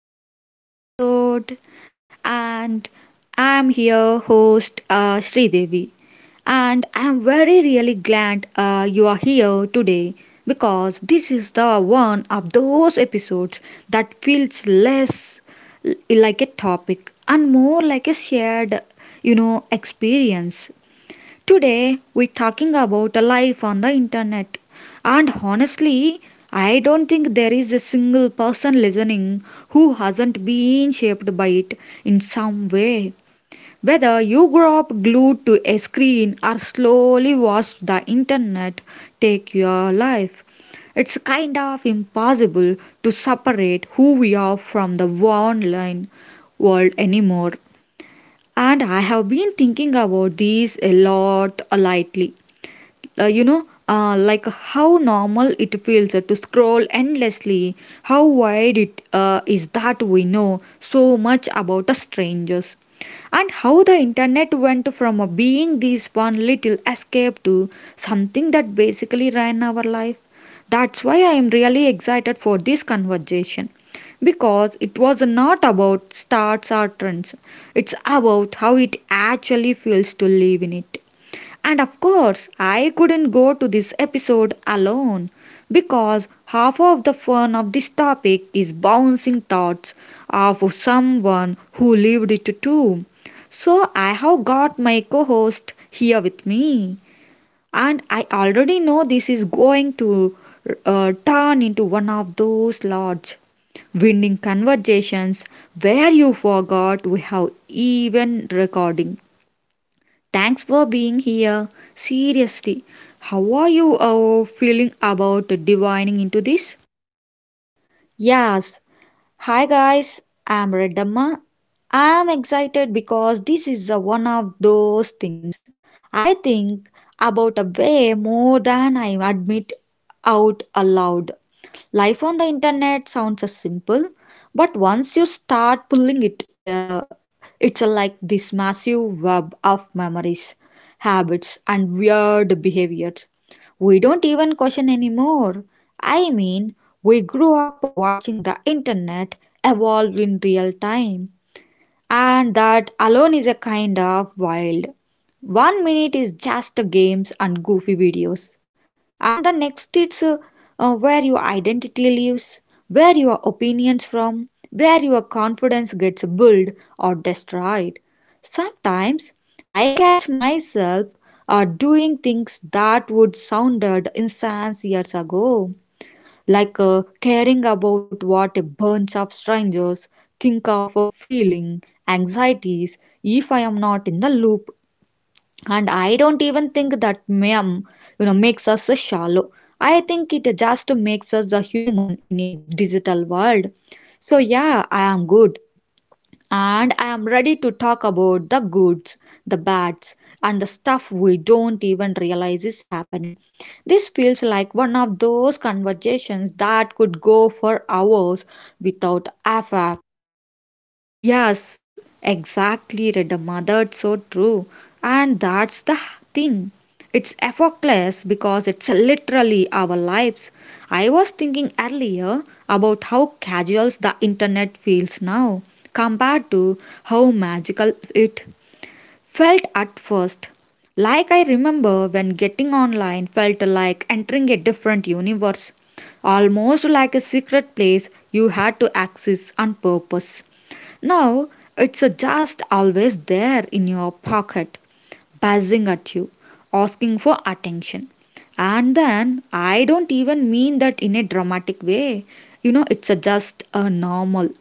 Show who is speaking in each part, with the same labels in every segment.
Speaker 1: Welcome back to the episode, and I am here, host Sridevi, and I am very really glad you are here today because this is the one of those episodes that feels less like a topic and more like a shared, experience. Today, we're talking about a life on the internet. And honestly, I don't think there is a single person listening who hasn't been shaped by it in some way. Whether you grew up glued to a screen or slowly watched the internet take your life, it's kind of impossible to separate who we are from the online world anymore. And I have been thinking about these a lot lately, like how normal it feels to scroll endlessly, how wide it is that we know so much about us strangers, and how the internet went from being this one little escape to something that basically ran our life. That's why I am really excited for this conversation, because it was not about starts or trends. It's about how it actually feels to live in it. And of course, I couldn't go to this episode alone because half of the fun of this topic is bouncing thoughts of someone who lived it too. So I have got my co host here with me, and I already know this is going to turn into one of those large winning conversations where you forgot we have even recording. Thanks for being here. Seriously, how are you feeling about divining into this?
Speaker 2: Yes. Hi guys, I'm Reddamma. I'm excited because this is a one of those things I think about a way more than I admit out aloud. Life on the internet sounds a simple, but once you start pulling it, it's a like this massive web of memories, habits, and weird behaviors we don't even question anymore. I mean, we grew up watching the internet evolve in real time, and that alone is a kind of wild. One minute is just games and goofy videos, and the next it's where your identity lives, where your opinions from, where your confidence gets built or destroyed. Sometimes I catch myself doing things that would sounded insane years ago, like caring about what a bunch of strangers think of a feeling, anxieties, if I am not in the loop, and I don't even think that mem makes us a shallow. I think it just makes us a human in a digital world. So yeah, I am good, and I am ready to talk about the goods, the bads, and the stuff we don't even realize is happening. This feels like one of those conversations that could go for hours without effort.
Speaker 1: Yes, exactly, Redamma. It's so true. And that's the thing. It's effortless because it's literally our lives. I was thinking earlier about how casual the internet feels now compared to how magical it felt at first. Like I remember when getting online felt like entering a different universe, almost like a secret place you had to access on purpose. Now it's just always there in your pocket, buzzing at you, asking for attention. And then I don't even mean that in a dramatic way. It's just a normal.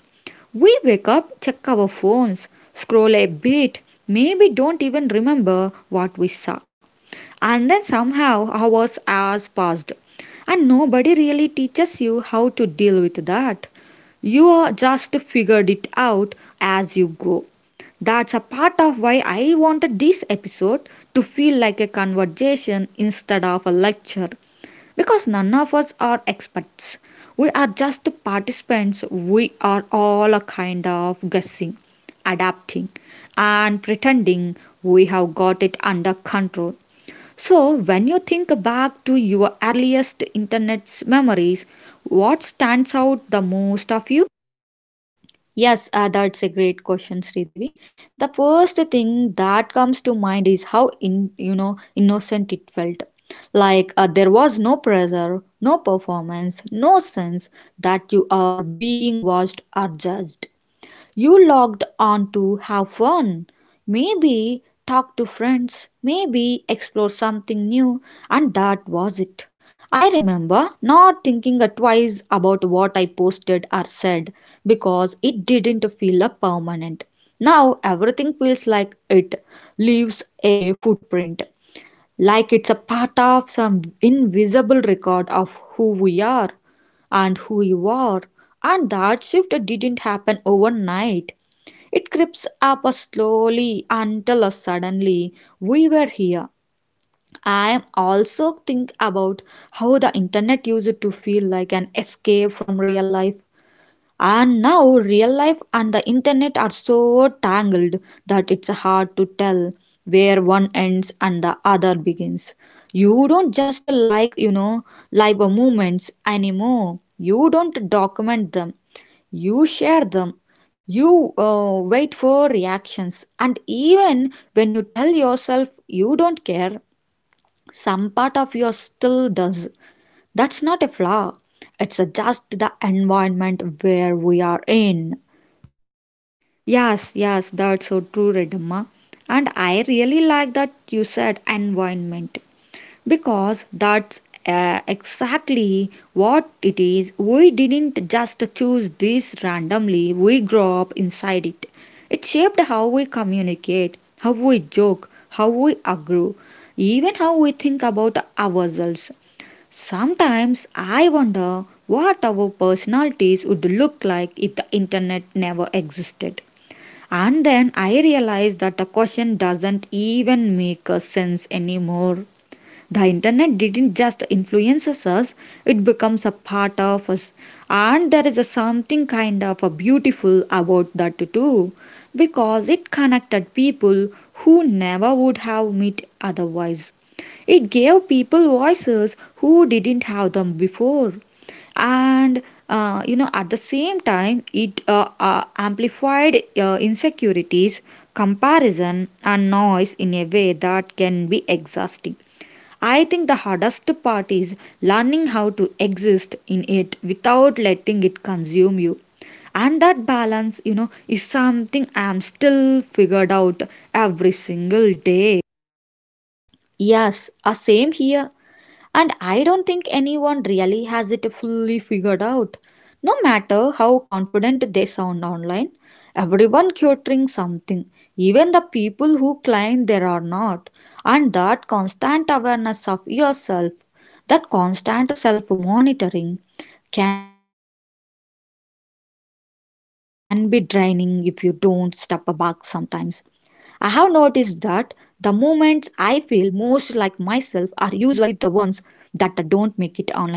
Speaker 1: We wake up, check our phones, scroll a bit, maybe don't even remember what we saw. And then somehow hours has passed. And nobody really teaches you how to deal with that. You are just figured it out as you go. That's a part of why I wanted this episode to feel like a conversation instead of a lecture. Because none of us are experts. We are just participants. We are all a kind of guessing, adapting, and pretending we have got it under control. So, when you think back to your earliest internet memories, what stands out the most of you?
Speaker 2: Yes, that's a great question, Sridevi. The first thing that comes to mind is how in you know innocent it felt. Like there was no pressure, no performance, no sense that you are being watched or judged. You logged on to have fun, maybe talk to friends, maybe explore something new, and that was it. I remember not thinking twice about what I posted or said because it didn't feel permanent. Now everything feels like it leaves a footprint. Like it's a part of some invisible record of who we are and who you are, and that shift didn't happen overnight. It creeps up us slowly until us suddenly we were here. I also think about how the internet used to feel like an escape from real life, and now real life and the internet are so tangled that it's hard to tell where one ends and the other begins. You don't just like, live moments anymore. You don't document them. You share them. You wait for reactions. And even when you tell yourself you don't care, some part of you still does. That's not a flaw, it's just the environment where we are in.
Speaker 1: Yes, yes, that's so true, Redamma. And I really like that you said environment because that's exactly what it is. We didn't just choose this randomly, we grew up inside it. It shaped how we communicate, how we joke, how we agree, even how we think about ourselves. Sometimes I wonder what our personalities would look like if the internet never existed. And then I realize that the question doesn't even make a sense anymore. The internet didn't just influence us, it becomes a part of us. And there is a something kind of a beautiful about that too, because it connected people who never would have met otherwise. It gave people voices who didn't have them before, and at the same time it amplified insecurities, comparison and noise in a way that can be exhausting. I think the hardest part is learning how to exist in it without letting it consume you. And that balance, is something I'm still figured out every single day.
Speaker 2: Yes, same here. And I don't think anyone really has it fully figured out. No matter how confident they sound online, everyone curating something, even the people who claim there are not. And that constant awareness of yourself, that constant self monitoring, can be draining if you don't step back sometimes. I have noticed that the moments I feel most like myself are usually the ones that don't make it online at all.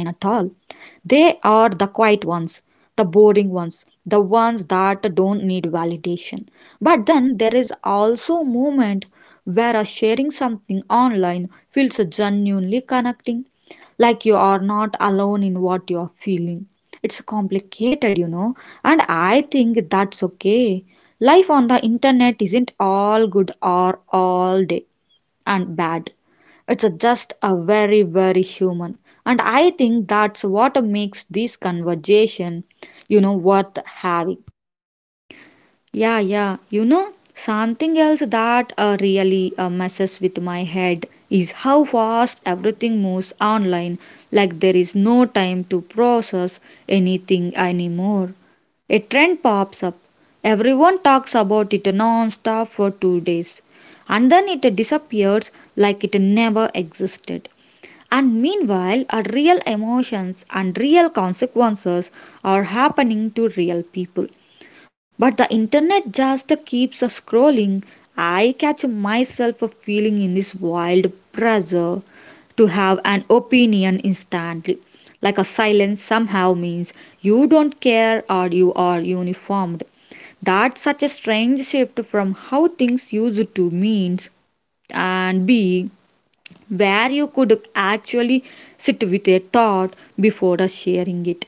Speaker 2: They are the quiet ones, the boring ones, the ones that don't need validation. But then there is also a moment where a sharing something online feels genuinely connecting, like you are not alone in what you are feeling. It's complicated, you know, and I think that's okay. Life on the internet isn't all good or all day and bad. It's a just a very, very human. And I think that's what makes this conversation, you know, worth having.
Speaker 1: Yeah, yeah. Something else that really messes with my head is how fast everything moves online. Like there is no time to process anything anymore. A trend pops up. Everyone talks about it non-stop for 2 days. And then it disappears like it never existed. And meanwhile, our real emotions and real consequences are happening to real people. But the internet just keeps us scrolling. I catch myself feeling in this wild pressure to have an opinion instantly. Like a silence somehow means you don't care or you are uniformed. That's such a strange shift from how things used to mean and be, where you could actually sit with a thought before sharing it.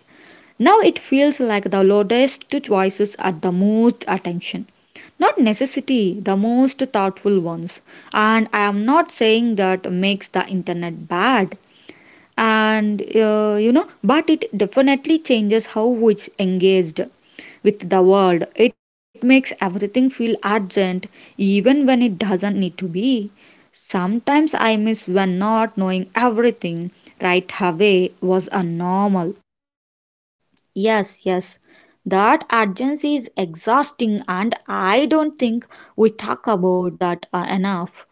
Speaker 1: Now it feels like the loudest voices are the most attention. Not necessity, the most thoughtful ones. And I am not saying that makes the internet bad, and but it definitely changes how it's engaged with the world. It makes everything feel urgent even when it doesn't need to be. Sometimes I miss when not knowing everything right away was a normal.
Speaker 2: Yes, yes. That urgency is exhausting, and I don't think we talk about that enough.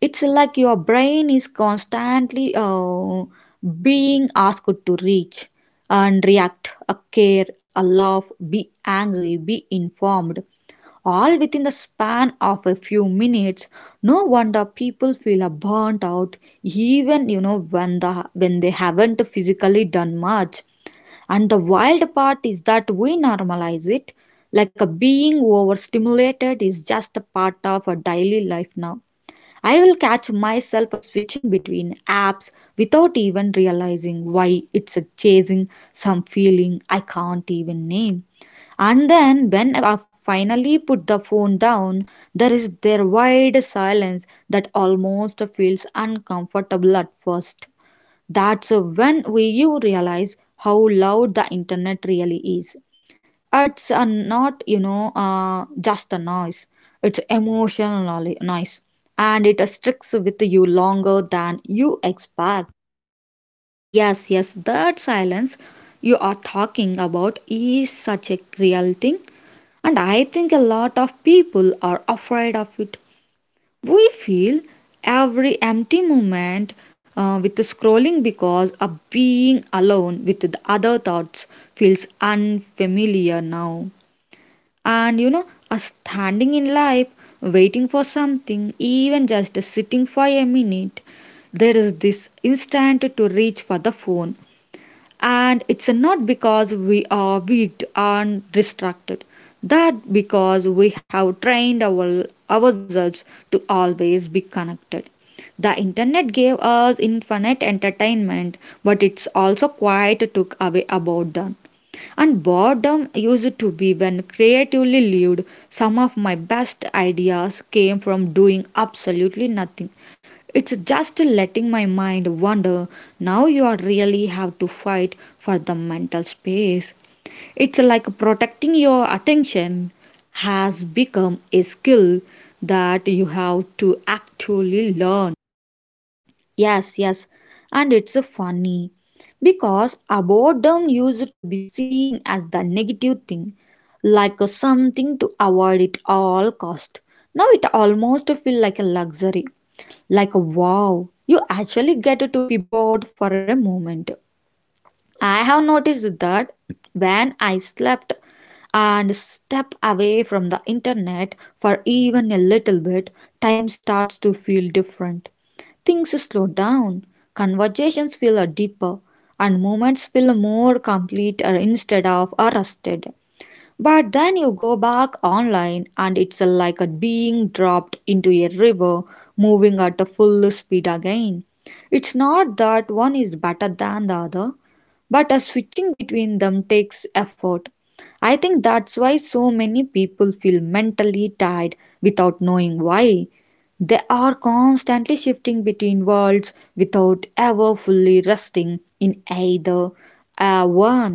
Speaker 2: It's like your brain is constantly being asked to reach and react, care, laugh, be angry, be informed, all within the span of a few minutes. No wonder people feel burnt out, even you know when they haven't physically done much. And the wild part is that we normalize it, like a being overstimulated is just a part of a daily life now. I will catch myself switching between apps without even realizing why it's chasing some feeling I can't even name. And then, when I finally put the phone down, there is their wide silence that almost feels uncomfortable at first. That's when you realize how loud the internet really is. It's not, just a noise. It's emotional noise, and it sticks with you longer than you expect.
Speaker 1: Yes, yes, that silence you are talking about is such a real thing, and I think a lot of people are afraid of it. We feel every empty moment with the scrolling because a being alone with the other thoughts feels unfamiliar now. A standing in life, waiting for something, even just sitting for a minute, there is this instant to reach for the phone. And it's not because we are weak and distracted, that because we have trained ourselves to always be connected. The internet gave us infinite entertainment, but it's also quite took away about them. And boredom used to be when creatively lived. Some of my best ideas came from doing absolutely nothing, it's just letting my mind wander. Now you are really have to fight for the mental space. It's like protecting your attention has become a skill that you have to actually learn.
Speaker 2: Yes, yes, and it's funny because boredom used to be seen as the negative thing, like something to avoid at all cost. Now it almost feels like a luxury, like wow, you actually get to be bored for a moment. I have noticed that when I slept and step away from the internet for even a little bit, time starts to feel different. Things slow down, conversations feel deeper, and moments feel more complete instead of arrested. But then you go back online and it's like a being dropped into a river moving at a full speed again. It's not that one is better than the other, but a switching between them takes effort. I think that's why so many people feel mentally tired without knowing why. They are constantly shifting between worlds without ever fully resting in either one.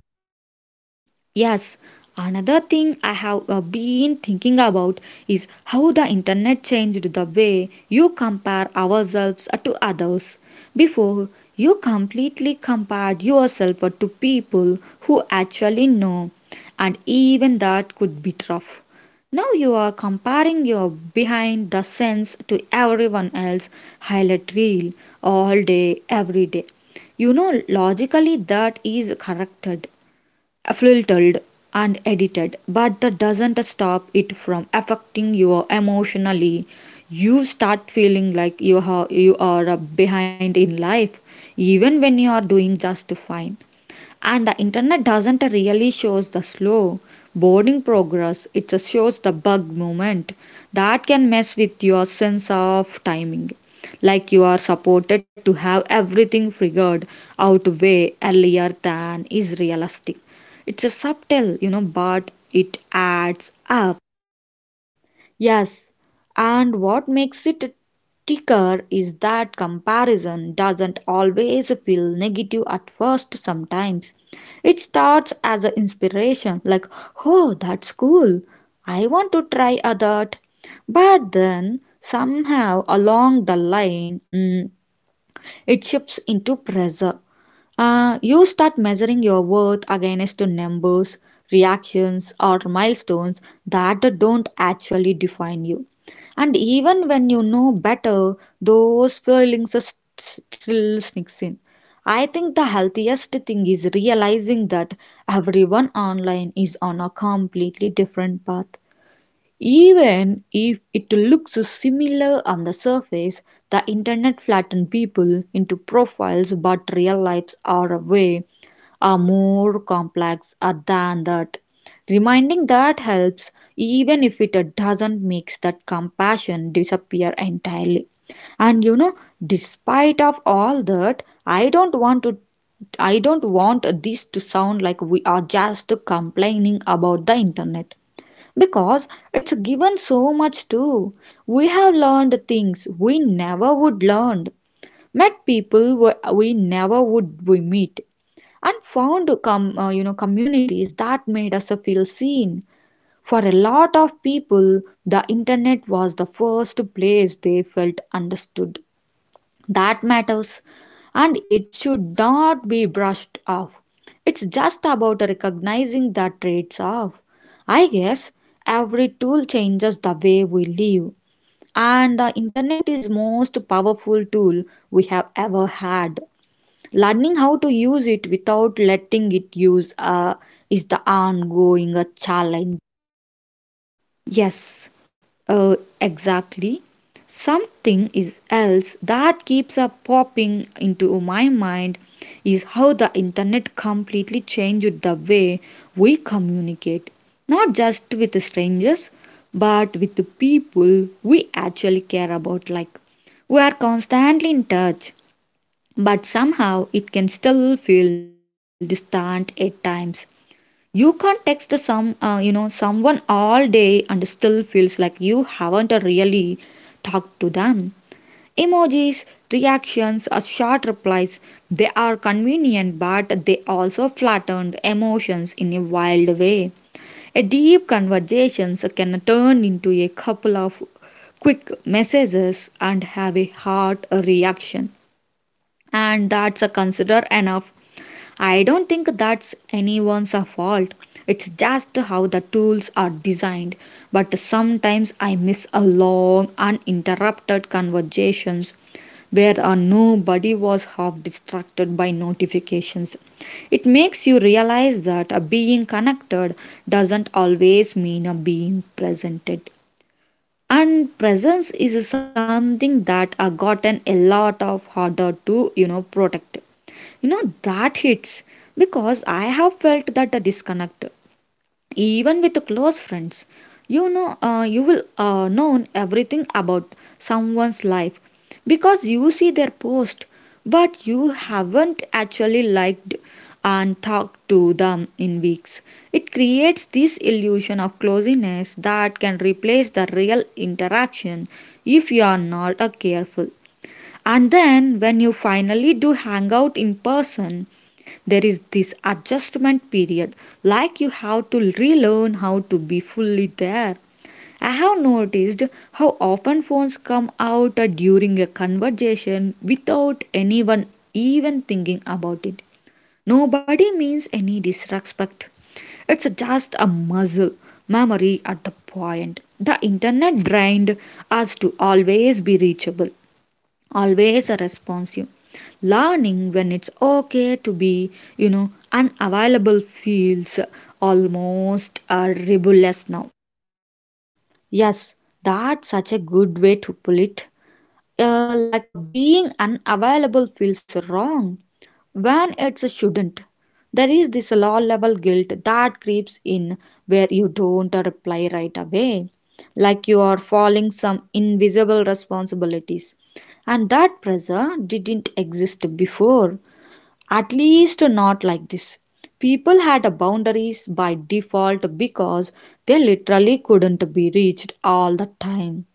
Speaker 1: Yes, another thing I have been thinking about is how the internet changed the way you compare ourselves to others. Before, you completely compared yourself to people who actually know, and even that could be tough. Now you are comparing your behind the scenes to everyone else highlight reel all day, every day. Logically that is corrected filtered and edited, but that doesn't stop it from affecting you emotionally. You start feeling like you are behind in life, even when you are doing just fine. And the internet doesn't really shows the slow boarding progress. It just shows the bug moment that can mess with your sense of timing. Like you are supported to have everything figured out way earlier than is realistic. It's a subtle, but it adds up.
Speaker 2: Yes, and what makes it ticker is that comparison doesn't always feel negative at first sometimes. It starts as an inspiration, like, oh, that's cool, I want to try a that. But then, somehow along the line, it shifts into pressure. You start measuring your worth against numbers, reactions, or milestones that don't actually define you. And even when you know better, those feelings are still sneaks in. I think the healthiest thing is realizing that everyone online is on a completely different path, even if it looks similar on the surface. The internet flattens people into profiles, but real lives are a way are more complex than that. Reminding that helps, even if it doesn't makes that compassion disappear entirely. And you know, despite of all that, I don't want this to sound like we are just complaining about the internet. Because it's given so much too. We have learned things we never would learn, met people we never would we meet, and found communities that made us feel seen. For a lot of people, the internet was the first place they felt understood. That matters and it should not be brushed off. It's just about recognizing the traits of. I guess every tool changes the way we live, and the internet is most powerful tool we have ever had. Learning how to use it without letting it use is the ongoing challenge.
Speaker 1: Yes, exactly. Something is else that keeps up popping into my mind is how the internet completely changed the way we communicate, not just with strangers, but with the people we actually care about. Like, we are constantly in touch, but somehow it can still feel distant at times. You can't text someone all day and still feels like you haven't really talked to them. Emojis, reactions, or short replies, they are convenient but they also flatten emotions in a wild way. A deep conversation can turn into a couple of quick messages and have a heart reaction, and that's a consider enough. I don't think that's anyone's fault. It's just how the tools are designed. But sometimes I miss a long, uninterrupted conversations where nobody was half distracted by notifications. It makes you realize that being connected doesn't always mean being presented. And presence is something that gotten a lot of harder to, protect. That hits because I have felt that a disconnect even with close friends. You will know everything about someone's life because you see their post, but you haven't actually liked and talked to them in weeks. It creates this illusion of closeness that can replace the real interaction if you are not careful. And then, when you finally do hang out in person, there is this adjustment period like you have to relearn how to be fully there. I have noticed how often phones come out during a conversation without anyone even thinking about it. Nobody means any disrespect. It's just a muscle memory at the point. The internet drained us to always be reachable, always responsive. Learning when it's okay to be unavailable feels almost rebellious now.
Speaker 2: Yes, that's such a good way to put it. Like a being unavailable feels wrong when it shouldn't. There is this low level guilt that creeps in where you don't reply right away, like you are falling some invisible responsibilities. And that pressure didn't exist before, at least not like this. People had boundaries by default because they literally couldn't be reached all the time.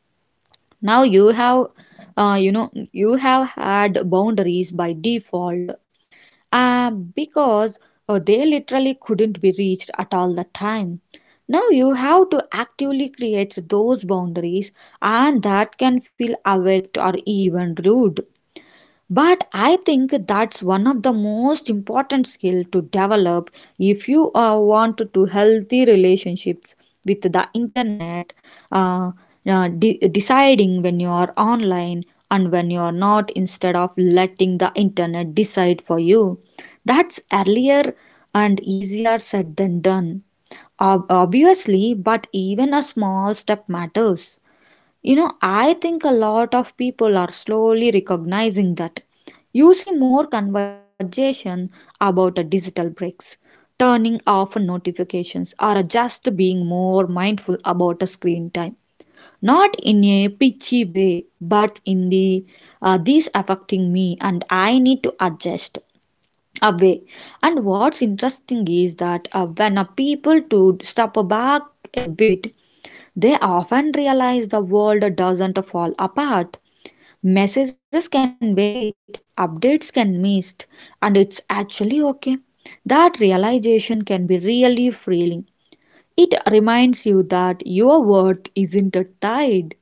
Speaker 2: Now you have you have had boundaries by default because they literally couldn't be reached at all the time. Now you have to actively create those boundaries, and that can feel awake or even rude. But I think that's one of the most important skill to develop if you want to healthy relationships with the internet. Uh, uh, de- deciding when you are online and when you are not, instead of letting the internet decide for you. That's earlier and easier said than done. Obviously, but even a small step matters. You know, I think a lot of people are slowly recognizing that. You see more conversation about a digital breaks, turning off notifications, or just being more mindful about a screen time. Not in a pitchy way, but in the this affecting me and I need to adjust away. And what's interesting is that when a people to step back a bit, they often realize the world doesn't fall apart. Messages can wait, updates can miss, and it's actually okay. That realization can be really freeing. It reminds you that your worth isn't tied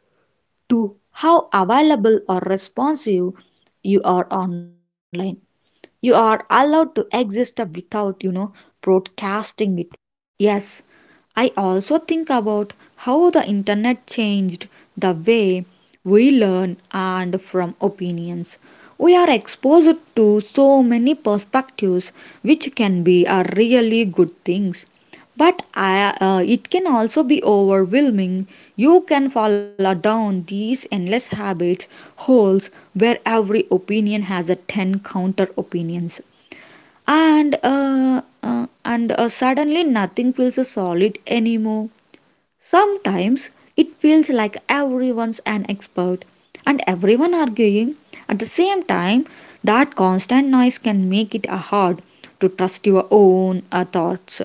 Speaker 2: to how available or responsive you are online. You are allowed to exist without, broadcasting it.
Speaker 1: Yes, I also think about how the internet changed the way we learn and from opinions. We are exposed to so many perspectives, which can be a really good things. But it can also be overwhelming. You can fall down these endless habits, holes where every opinion has a 10 counter opinions and suddenly nothing feels solid anymore. Sometimes it feels like everyone's an expert and everyone arguing at the same time. That constant noise can make it hard to trust your own thoughts.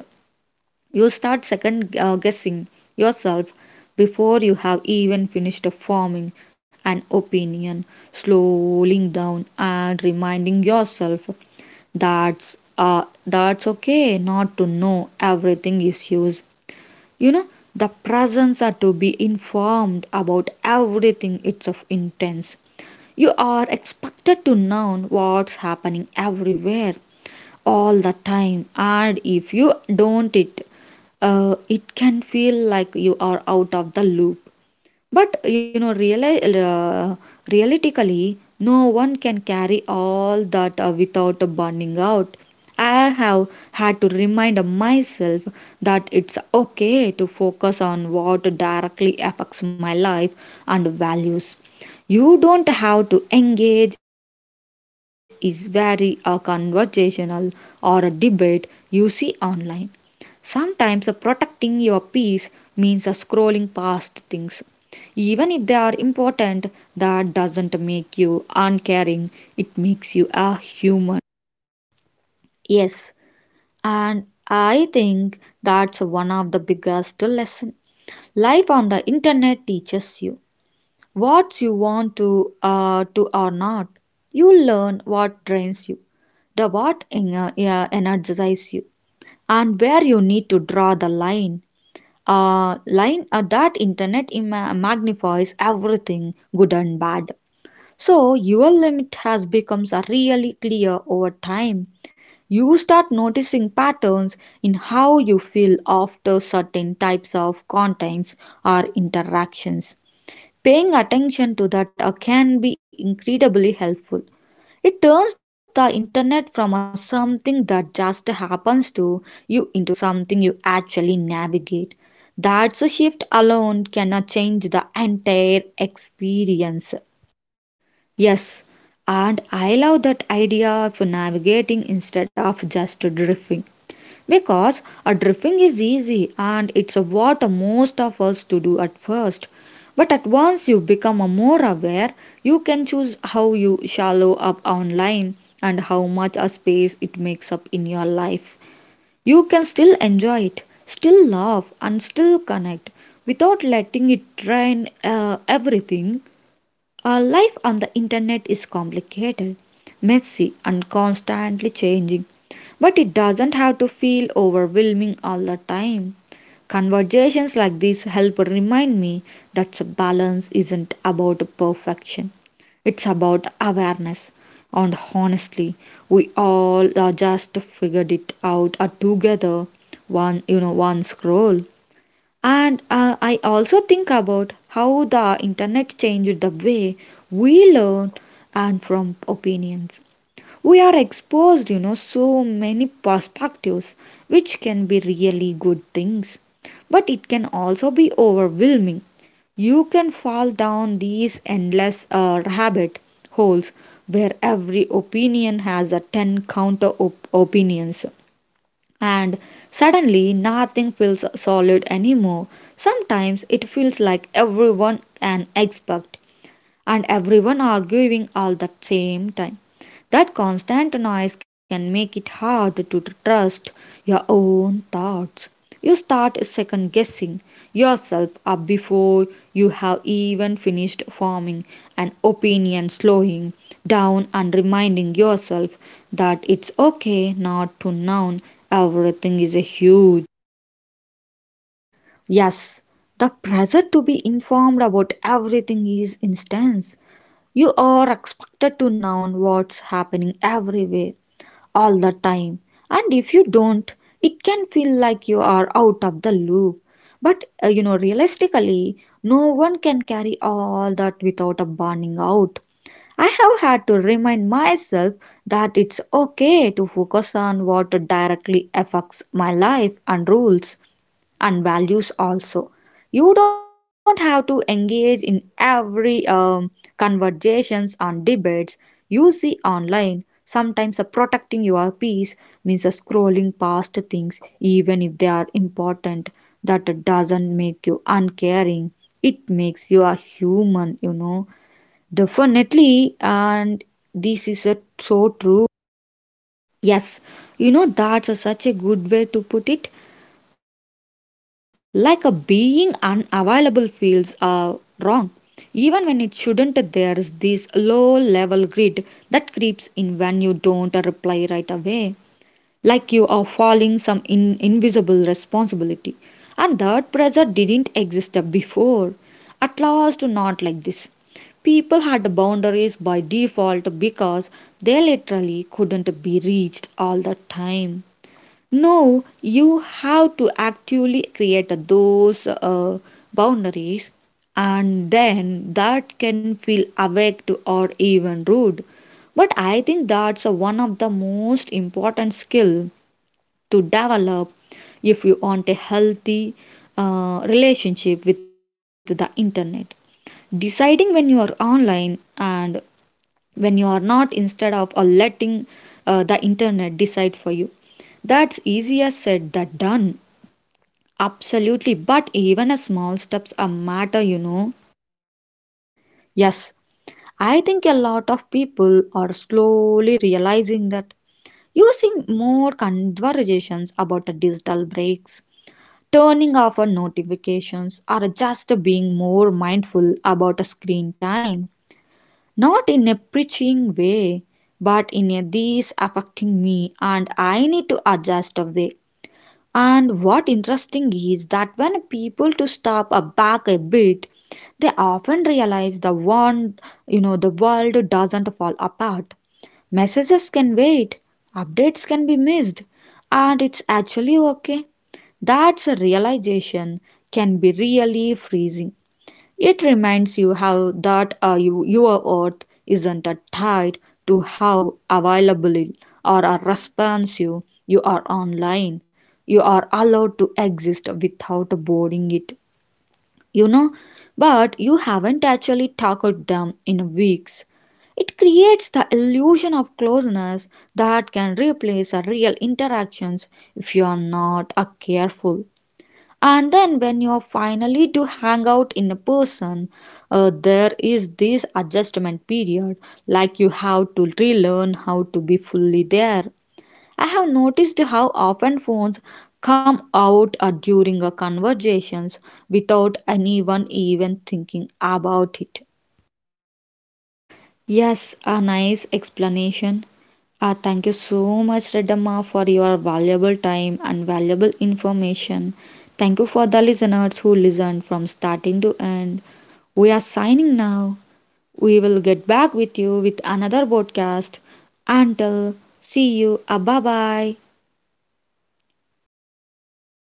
Speaker 1: You start second guessing yourself before you have even finished forming an opinion, slowing down and reminding yourself that's okay not to know everything is used. You know, the presence are to be informed about everything it's of intense. You are expected to know what's happening everywhere all the time, and if you don't it can feel like you are out of the loop. But you know, realistically, no one can carry all that without burning out. I have had to remind myself that it's okay to focus on what directly affects my life and values. You don't have to engage is very a conversational or a debate you see online. Sometimes protecting your peace means scrolling past things even if they are important, that doesn't make you uncaring, it makes you a human.
Speaker 2: Yes, and I think that's one of the biggest lesson life on the internet teaches you what you want to or not. You learn what drains you, the what energizes you, and where you need to draw the line. That internet magnifies everything good and bad. So your limit has becomes really clear over time. You start noticing patterns in how you feel after certain types of contents or interactions. Paying attention to that can be incredibly helpful. It turns the internet from a something that just happens to you into something you actually navigate. That's a shift alone can change the entire experience.
Speaker 1: Yes, and I love that idea of navigating instead of just drifting. Because a drifting is easy and it's what most of us to do at first. But at once you become more aware, you can choose how you shallow up online and how much a space it makes up in your life. You can still enjoy it, still laugh, and still connect without letting it drain everything. Our life on the internet is complicated, messy, and constantly changing, but it doesn't have to feel overwhelming all the time. Conversations like this help remind me that balance isn't about perfection, it's about awareness. And honestly, we all are just figured it out together, one scroll. And I also think about how the internet changed the way we learn and from opinions. We are exposed, you know, so many perspectives, which can be really good things, but it can also be overwhelming. You can fall down these endless rabbit holes where every opinion has a 10 opinions and suddenly nothing feels solid anymore. Sometimes it feels like everyone an expert and everyone arguing all the same time. That constant noise can make it hard to trust your own thoughts. You start second guessing yourself up before you have even finished forming an opinion, slowing down and reminding yourself that it's okay not to know everything is a huge.
Speaker 2: Yes, the pressure to be informed about everything is intense. You are expected to know what's happening everywhere, all the time, and if you don't, it can feel like you are out of the loop. But you know, realistically, no one can carry all that without a burning out. I have had to remind myself that it's okay to focus on what directly affects my life and rules and values also. You don't have to engage in every conversations and debates you see online. Sometimes protecting your peace means scrolling past things even if they are important. That doesn't make you uncaring, it makes you a human, you know. Definitely, and this is so true.
Speaker 1: Yes, you know that's a, such a good way to put it. Like a being unavailable feels wrong. Even when it shouldn't, there's this low level greed that creeps in when you don't reply right away, like you are falling invisible responsibility, and that pressure didn't exist before, at last not like this. People had boundaries by default because they literally couldn't be reached all the time. No, you have to actually create those boundaries, and then that can feel awake or even rude. But I think that's one of the most important skill to develop if you want a healthy relationship with the internet, deciding when you are online and when you are not instead of letting the internet decide for you. That's easier said than done, absolutely, but even a small steps a matter, you know.
Speaker 2: Yes, I think a lot of people are slowly realizing that, using more conversations about the digital breaks, turning off our notifications, or just being more mindful about the screen time. Not in a preaching way, but in a this affecting me and I need to adjust a way. And what interesting is that when people to stop a back a bit, they often realize the one you know the world doesn't fall apart. Messages can wait, updates can be missed, and it's actually okay. That's a realization can be really freezing. It reminds you how that your worth isn't tied to how available or responsive you are online. You are allowed to exist without boarding it, you know. But you haven't actually talked them in weeks. It creates the illusion of closeness that can replace real interactions if you are not careful. And then when you're finally to hang out in a person, there is this adjustment period, like you have to relearn how to be fully there. I have noticed how often phones come out during a conversations without anyone even thinking about it.
Speaker 1: Yes, a nice explanation. Thank you so much, Redamma, for your valuable time and valuable information. Thank you for the listeners who listened from starting to end. We are signing now. We will get back with you with another podcast. Until see you. Bye bye.